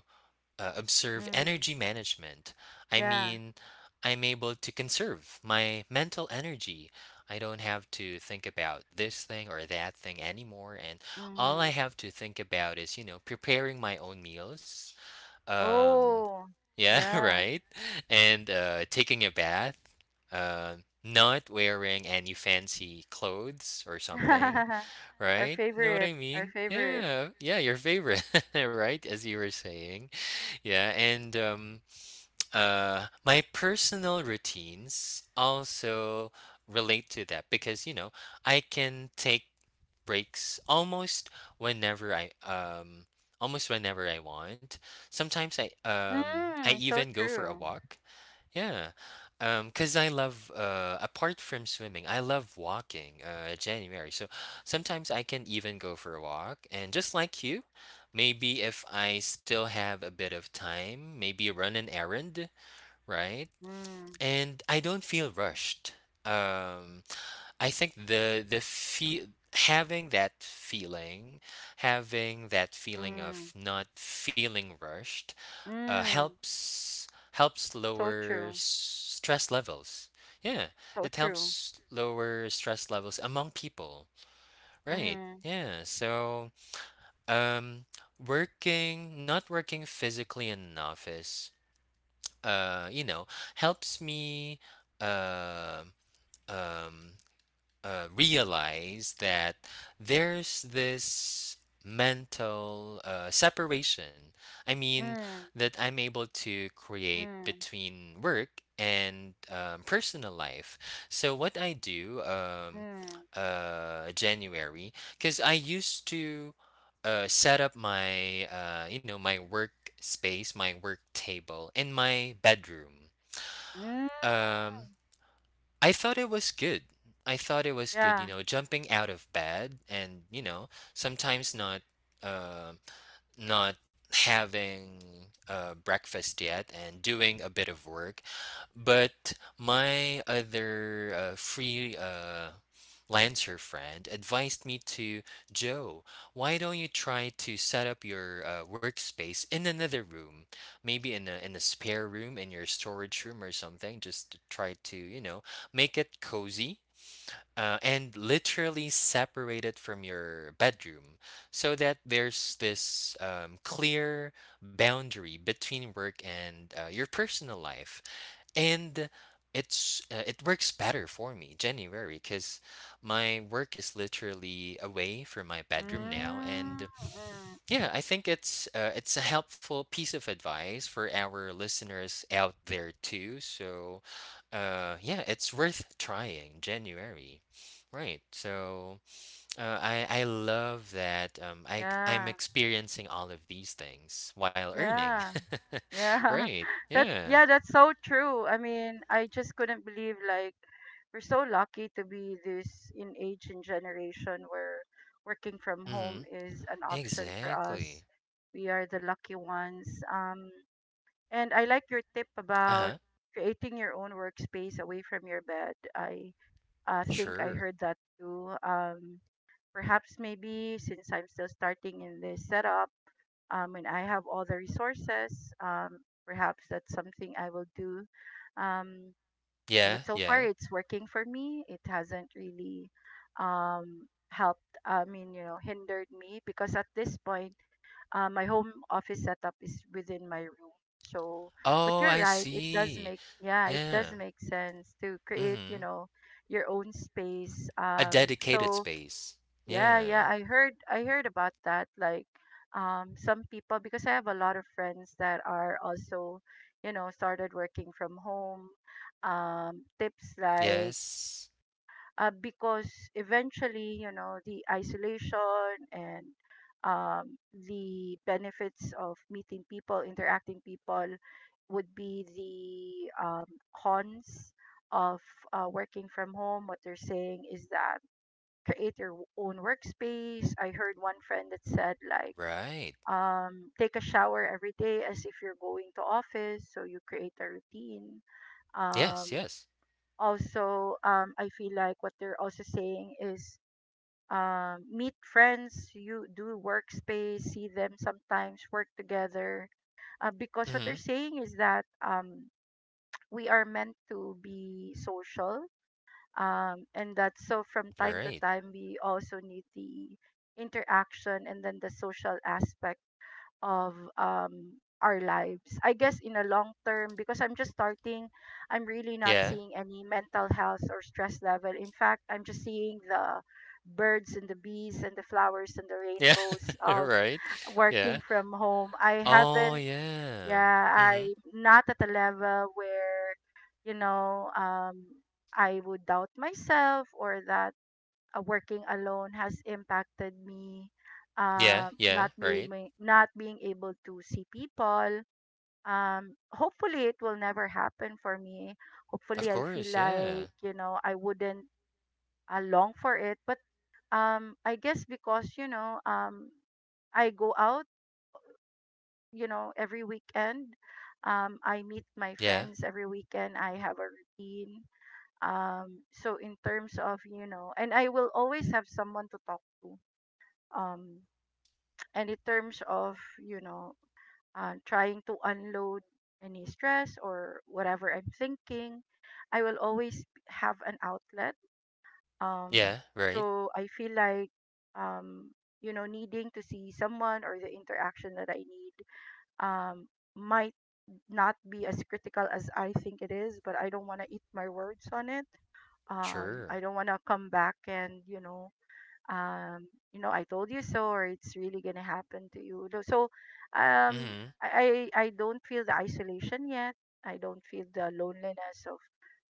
B: uh, observe
A: Mm.
B: energy management. I
A: Yeah.
B: mean, I'm able to conserve my mental energy. I don't have to think about this thing or that thing anymore. And all I
A: Mm-hmm.
B: have to think about is, preparing my own meals. Um,
A: Oh
B: yeah,
A: yeah.
B: right. And taking a bath. Uh, Not wearing any fancy clothes or something,
A: Our
B: right? You know what
A: favorite,
B: I
A: our
B: mean?
A: favorite.
B: Yeah, yeah, your favorite, right? As you were saying. Yeah, and my personal routines also relate to that because I can take breaks whenever I um almost whenever I want. Sometimes I
A: Mm, so
B: even go for a
A: true.
B: walk. Yeah, 'cause I love, apart from swimming, I love walking, January. So sometimes I can even go for a walk and just like you, maybe if I still have a bit of time, maybe run an errand, right?
A: Mm.
B: And I don't feel rushed. Um, I think the feel having that feeling, having that feeling
A: Mm.
B: of not feeling rushed, uh,
A: Mm.
B: helps helps
A: So
B: lower
A: true.
B: stress levels. Yeah,
A: So
B: it
A: true.
B: helps lower stress levels among people. Right.
A: Mm.
B: Yeah. So, um, working, not working physically in an office, uh, you know, helps me, uh, um, realize that there's this mental separation. I mean,
A: Mm.
B: that I'm able to create
A: Mm.
B: between work and personal life. So, what I do,
A: Mm.
B: January, because I used to set up my work space, my work table in my bedroom.
A: Mm.
B: Um, I thought it was good. I thought it was good, you
A: Yeah.
B: know, jumping out of bed and, you know, sometimes um not having breakfast yet and doing a bit of work. But my other free lancer friend advised me to, "Joe, why don't you try to set up your workspace in another room, maybe in a spare room, in your storage room or something, just to try to, you know, make it cozy and literally separate it from your bedroom, so that there's this clear boundary between work and your personal life, and it works better for me, January, because my work is literally away from my bedroom now."
A: Mm.
B: And
A: Mm.
B: yeah, I think it's a helpful piece of advice for our listeners out there too. So, yeah, it's worth trying, January, right? So, I love that. I'm
A: Yeah.
B: experiencing all of these things while earning,
A: Yeah. Yeah.
B: right?
A: That's,
B: Yeah.
A: yeah, that's so true. I mean, I just couldn't believe, like, we're so lucky to be this in age and generation where working from home
B: Hmm.
A: is an option for us.
B: Exactly.
A: We are the lucky ones. And I like your tip
B: Uh
A: about
B: huh.
A: creating your own workspace away from your bed. I think I
B: Sure.
A: heard that too. Perhaps maybe since I'm still starting in this setup, and I have all the resources, perhaps that's something I will do. Um, but
B: Yeah.
A: so far
B: Yeah.
A: it's working for me. It hasn't really helped, I mean, you know, hindered me, because at this point, my home office setup is within my room. So,
B: Oh,
A: but you're
B: I
A: right, it does
B: see.
A: make, yeah, it does
B: Yeah.
A: make sense to create, you
B: Mm-hmm.
A: know, your own space.
B: A
A: Um
B: dedicated
A: so
B: space.
A: yeah, yeah,
B: Yeah.
A: I heard, I heard about that. Like, some people, because I have a lot of friends that are also, you know, started working from home. Tips like,
B: Yes.
A: because eventually, you know, the isolation and um, the benefits of meeting people, interacting people, would be the cons of working from home. What they're saying is that create your own workspace. I heard one friend that said like,
B: Right.
A: take a shower every day as if you're going to office, so you create a routine.
B: Yes,
A: um
B: yes.
A: Also, I feel like what they're also saying is meet friends, you do workspace, see them, sometimes work together, because what they're
B: Mhm.
A: saying is that we are meant to be social, and that, so from time to
B: Right.
A: time we also need the interaction and then the social aspect of our lives, I guess, in a long term. Because I'm just starting, I'm really not
B: Yeah.
A: seeing any mental health or stress level. In fact, I'm just seeing the birds and the bees and the flowers and the
B: Yeah.
A: rainbows of
B: Right. Yeah.
A: working from home. I
B: Oh,
A: haven't,
B: yeah.
A: yeah,
B: Mhm.
A: I'm not at a level where, you know, I would doubt myself, or that working alone has impacted me,
B: Yeah,
A: um,
B: yeah,
A: not
B: right.
A: being not being able to see people. Hopefully, it will never happen for me.
B: Of
A: Hopefully, I feel
B: course, yeah.
A: like, you know, I wouldn't long for it. But I guess because, you know, I go out, you know, every weekend. I meet my
B: Yeah.
A: friends every weekend. I have a routine. So in terms of, you know, and I will always have someone to talk to. Um, and in terms of, you know, trying to unload any stress or whatever I'm thinking, I will always have an outlet. Um,
B: Yeah, right.
A: so I feel like, um, you know, needing to see someone or the interaction that I need um, might not be as critical as I think it is, but I don't want to eat my words on it. I
B: Sure.
A: don't want to come back and, you know, I told you so, or it's really gonna happen to you. Though— so, um,
B: Mhm.
A: I don't feel the isolation yet. I don't feel the loneliness of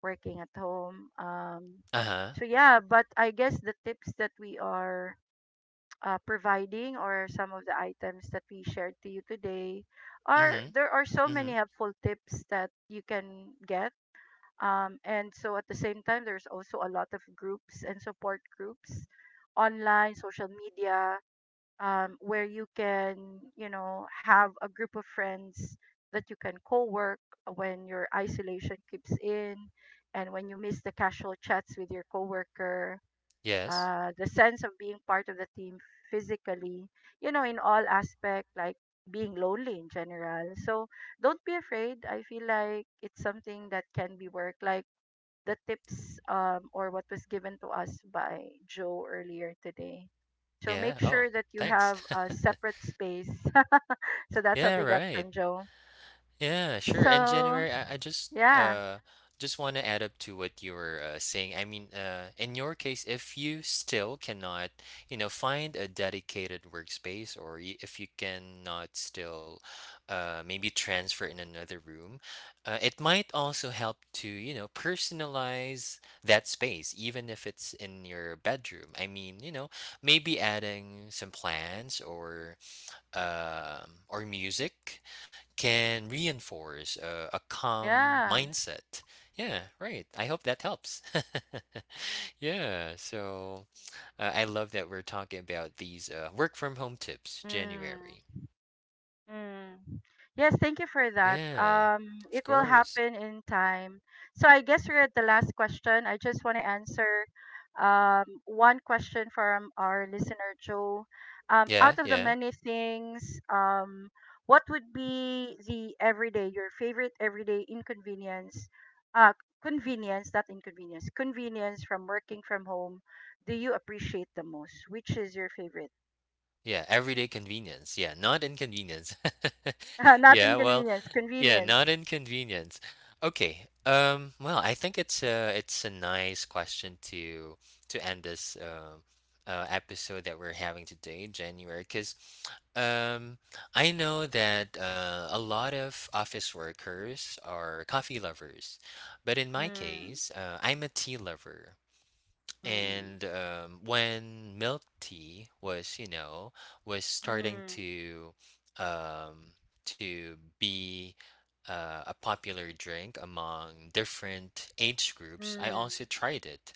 A: working at home.
B: Uh-huh.
A: So yeah, but I guess the tips that we are providing or some of the items that we shared to you today are,
B: Mhm.
A: there are so
B: Mhm.
A: many helpful tips that you can get, and so at the same time there's also a lot of groups and support groups online, social media, where you can, you know, have a group of friends that you can co-work when your isolation keeps in, and when you miss the casual chats with your coworker,
B: Yes.
A: the sense of being part of the team physically, you know, in all aspect, like being lonely in general. So don't be afraid. I feel like it's something that can be worked. Like the tips or what was given to us by Joe earlier today. So make
B: Yeah. Oh,
A: sure that you
B: thanks.
A: have a separate space. So that's what
B: Yeah,
A: we got from
B: right.
A: Joe.
B: Yeah, sure. And
A: So
B: January, I
A: yeah,
B: just want to add up to what you were saying. I mean, in your case, if you still cannot, find a dedicated workspace, or if you cannot still, maybe transfer in another room, it might also help to, personalize that space, even if it's in your bedroom. I mean, maybe adding some plants or music can reinforce a calm
A: yeah.
B: mindset. Yeah, right. I hope that helps. Yeah, so, I love that we're talking about these work from home tips, January.
A: Mm. Mm. Yes, thank you for that.
B: Yeah,
A: It
B: of
A: will
B: course.
A: happen in time. So I guess we're at the last question. I just want to answer one question from our listener, Joe.
B: Yeah,
A: Out of the
B: yeah.
A: many things, what would be the everyday, your favorite everyday uh, convenience, not inconvenience, convenience from working from home do you appreciate the most? Which is your favorite?
B: Yeah, everyday convenience. Yeah, not inconvenience.
A: Not
B: Yeah, well,
A: inconvenience,
B: yeah,
A: convenience.
B: not inconvenience. Okay. Well, I think it's a nice question to end this episode that we're having today, January, because um, I know that a lot of office workers are coffee lovers, but in my
A: Mm.
B: case, I'm a tea lover.
A: Mm,
B: And when milk tea was starting
A: mm,
B: um, to be a popular drink among different age groups, I
A: mm,
B: also tried it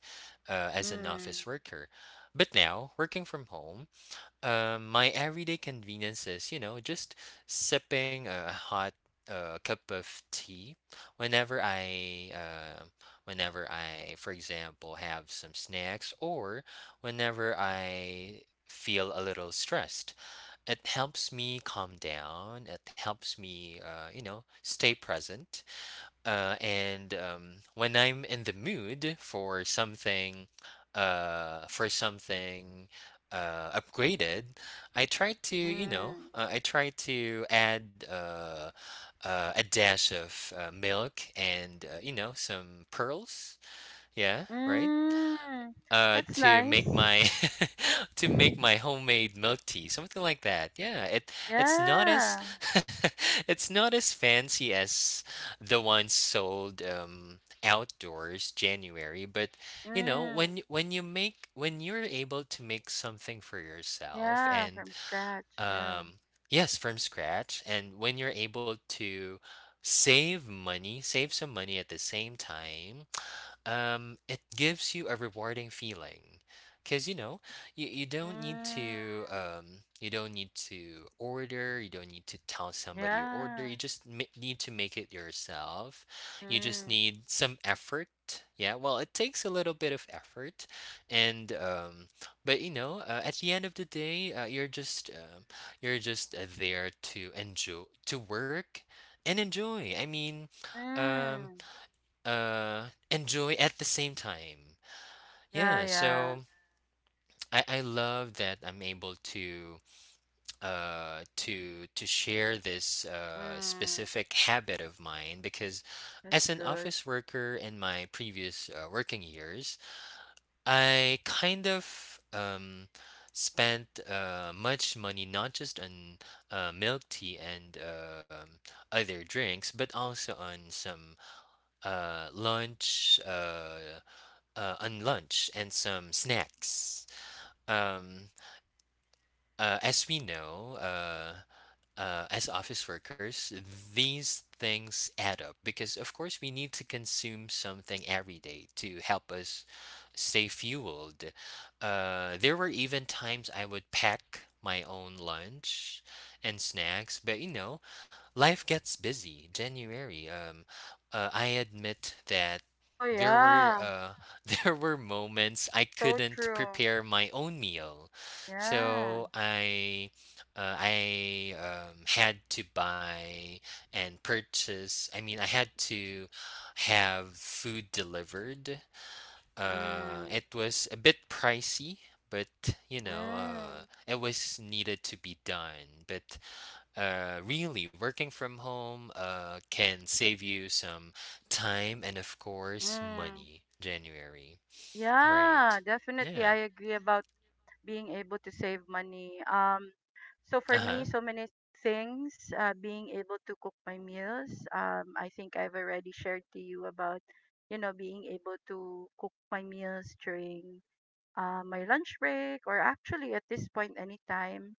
B: as an
A: mm,
B: office worker. But now, working from home, my everyday conveniences, just sipping a hot cup of tea whenever I, uh, whenever I, for example, have some snacks or whenever I feel a little stressed. It helps me calm down. It helps me, stay present. And when I'm in the mood for something upgraded, I try to, you know,
A: mm,
B: I try to add a dash of milk and, some pearls. Yeah, right.
A: mm. That's
B: To
A: nice.
B: make my To make my homemade milk tea, something like that. Yeah, it's not as
A: Yeah.
B: it's not as fancy as the ones sold outdoors, January, but you know,
A: Mm,
B: when y- when you make when you're able to make something for yourself
A: yeah,
B: and
A: from scratch. Yeah.
B: um yes, from scratch, and when you're able to save money, save some money at the same time, it gives you a rewarding feeling, because you know you don't need
A: Mm,
B: to order, you don't need to tell somebody your order,
A: yeah.
B: you just need to make it yourself. You just
A: Mm,
B: need some effort. Yeah, well, it takes a little bit of effort, and but you know, at the end of the day, you're just there to enjoy to work and enjoy. I mean, um
A: mm.
B: enjoy at the same time.
A: Yeah,
B: Yeah,
A: yeah.
B: so I love that I'm able to to share this
A: Mm,
B: specific habit of mine, because as
A: that's
B: an
A: good.
B: office worker in my previous working years, I kind of spent much money not just on milk tea and other drinks, but also on some lunch a lunch and some snacks. Um, as we know, as office workers, these things add up because, of course, we need to consume something every day to help us stay fueled. There were even times I would pack my own lunch and snacks, but you know, life gets busy, January. I admit that.
A: Oh,
B: There were
A: yeah.
B: There were moments I
A: So
B: couldn't
A: true.
B: prepare my own meal,
A: Yeah.
B: so I had to buy and purchase. I mean, I had to have food delivered.
A: Mm,
B: It was a bit pricey, but you know,
A: mm,
B: it was needed to be done. But really, working from home can save you some time and, of course,
A: mm.
B: money, January, right?
A: Yeah, definitely.
B: Yeah.
A: I agree about being able to save money. So
B: Uh
A: for me,
B: huh.
A: so many things. Being able to cook my meals. I think I've already shared to you about, you know, being able to cook my meals during my lunch break or actually at this point anytime.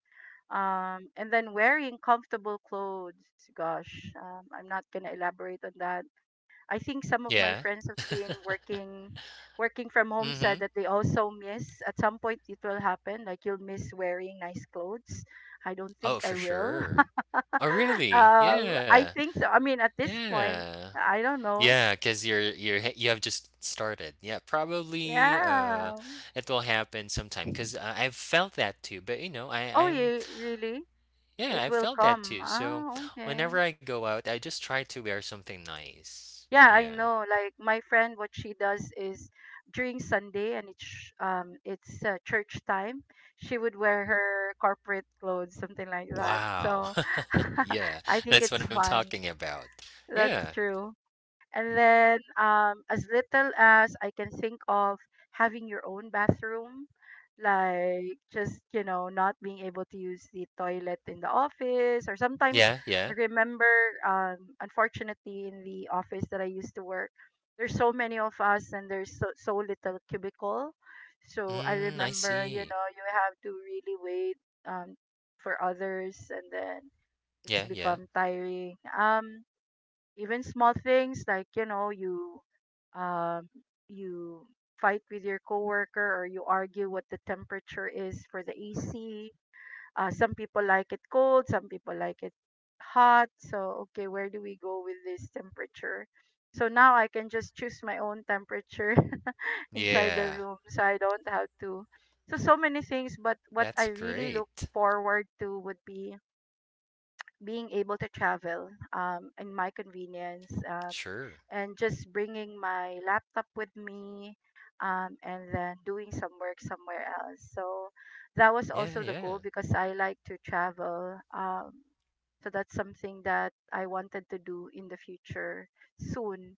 A: And then wearing comfortable clothes. Gosh, I'm not gonna elaborate on that. I think some of my
B: Yeah.
A: friends have been working from home
B: Mm
A: said
B: hmm.
A: that they also miss at some point it will happen, like you'll miss wearing nice clothes. I don't
B: Oh,
A: think I
B: for
A: will.
B: sure. Oh, really?
A: I
B: Yeah.
A: think so. I mean, at this point,
B: Yeah.
A: I don't know.
B: Yeah, because you're h you have just started. Yeah, probably,
A: Yeah.
B: it will happen sometime, 'cause, I've felt that too, but, you know, I
A: Oh,
B: I'm
A: you really?
B: yeah,
A: It
B: I
A: will
B: felt that
A: come.
B: too, so
A: Ah, okay.
B: whenever I go out, I just try to wear something nice.
A: Yeah, I
B: Yeah.
A: know. Like my friend, what she does is during Sunday and it's church time, she would wear her corporate clothes, something like that.
B: Wow.
A: So
B: Yeah,
A: I think
B: that's what
A: it's
B: I'm
A: fun.
B: talking about. Yeah.
A: That's true. And then as little as I can think of, having your own bathroom, like just, you know, not being able to use the toilet in the office. Or sometimes
B: Yeah,
A: I
B: yeah.
A: remember, um, unfortunately, in the office that I used to work, there's so many of us and there's so, so little cubicle. So I
B: Mm, I
A: remember, you
B: see.
A: know, you have to really wait um, for others, and then it's
B: Yeah, yeah.
A: become tiring. Even small things, like, you know, you um you fight with your coworker or you argue what the temperature is for the AC. Some people like it cold, some people like it hot. So okay, where do we go with this temperature? So now I can just choose my own temperature inside the
B: Yeah.
A: room, so I don't have to. So so many things, but what I
B: That's
A: really look
B: great.
A: forward to would be being able to travel in my convenience,
B: Sure.
A: and just bringing my laptop with me, and then doing some work somewhere else. So that was
B: Yeah,
A: also the goal
B: yeah.
A: because I like to travel. So that's something that I wanted to do in the future soon.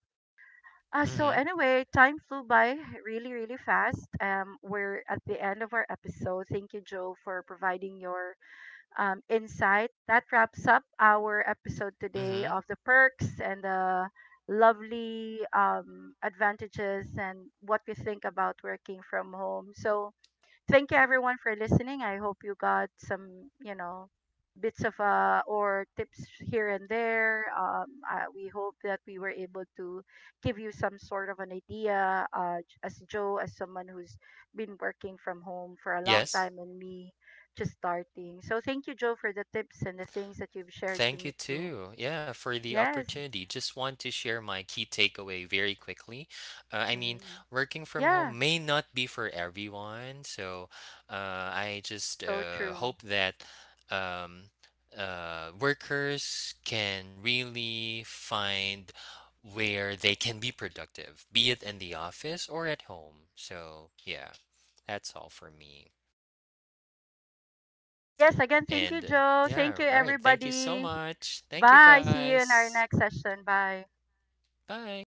A: So
B: Mhm.
A: anyway, time flew by really, really fast. We're at the end of our episode. Thank you, Joe, for providing your insight. That wraps up our episode today
B: Mhm.
A: of the perks and the lovely advantages and what we think about working from home. So, thank you everyone for listening. I hope you got some, you know, bits of or tips here and there. We hope that we were able to give you some sort of an idea. As Joe, as someone who's been working from home for a long
B: Yes.
A: time, and me just starting. So thank you, Joe, for the tips and the things that you've shared to
B: Thank you
A: me too.
B: too. Yeah, for the
A: Yes.
B: opportunity. Just want to share my key takeaway very quickly. I mean,
A: Mm.
B: working from
A: Yeah.
B: home may not be for everyone, so I just
A: So true.
B: hope that um, workers can really find where they can be productive, be it in the office or at home. So, yeah, that's all for me.
A: Yes, again, thank you,
B: And
A: Joe. Thank
B: yeah,
A: you,
B: right. Thank you so
A: everybody.
B: much. Thank you
A: Bye. See you in our
B: guys.
A: next session. Bye.
B: Bye.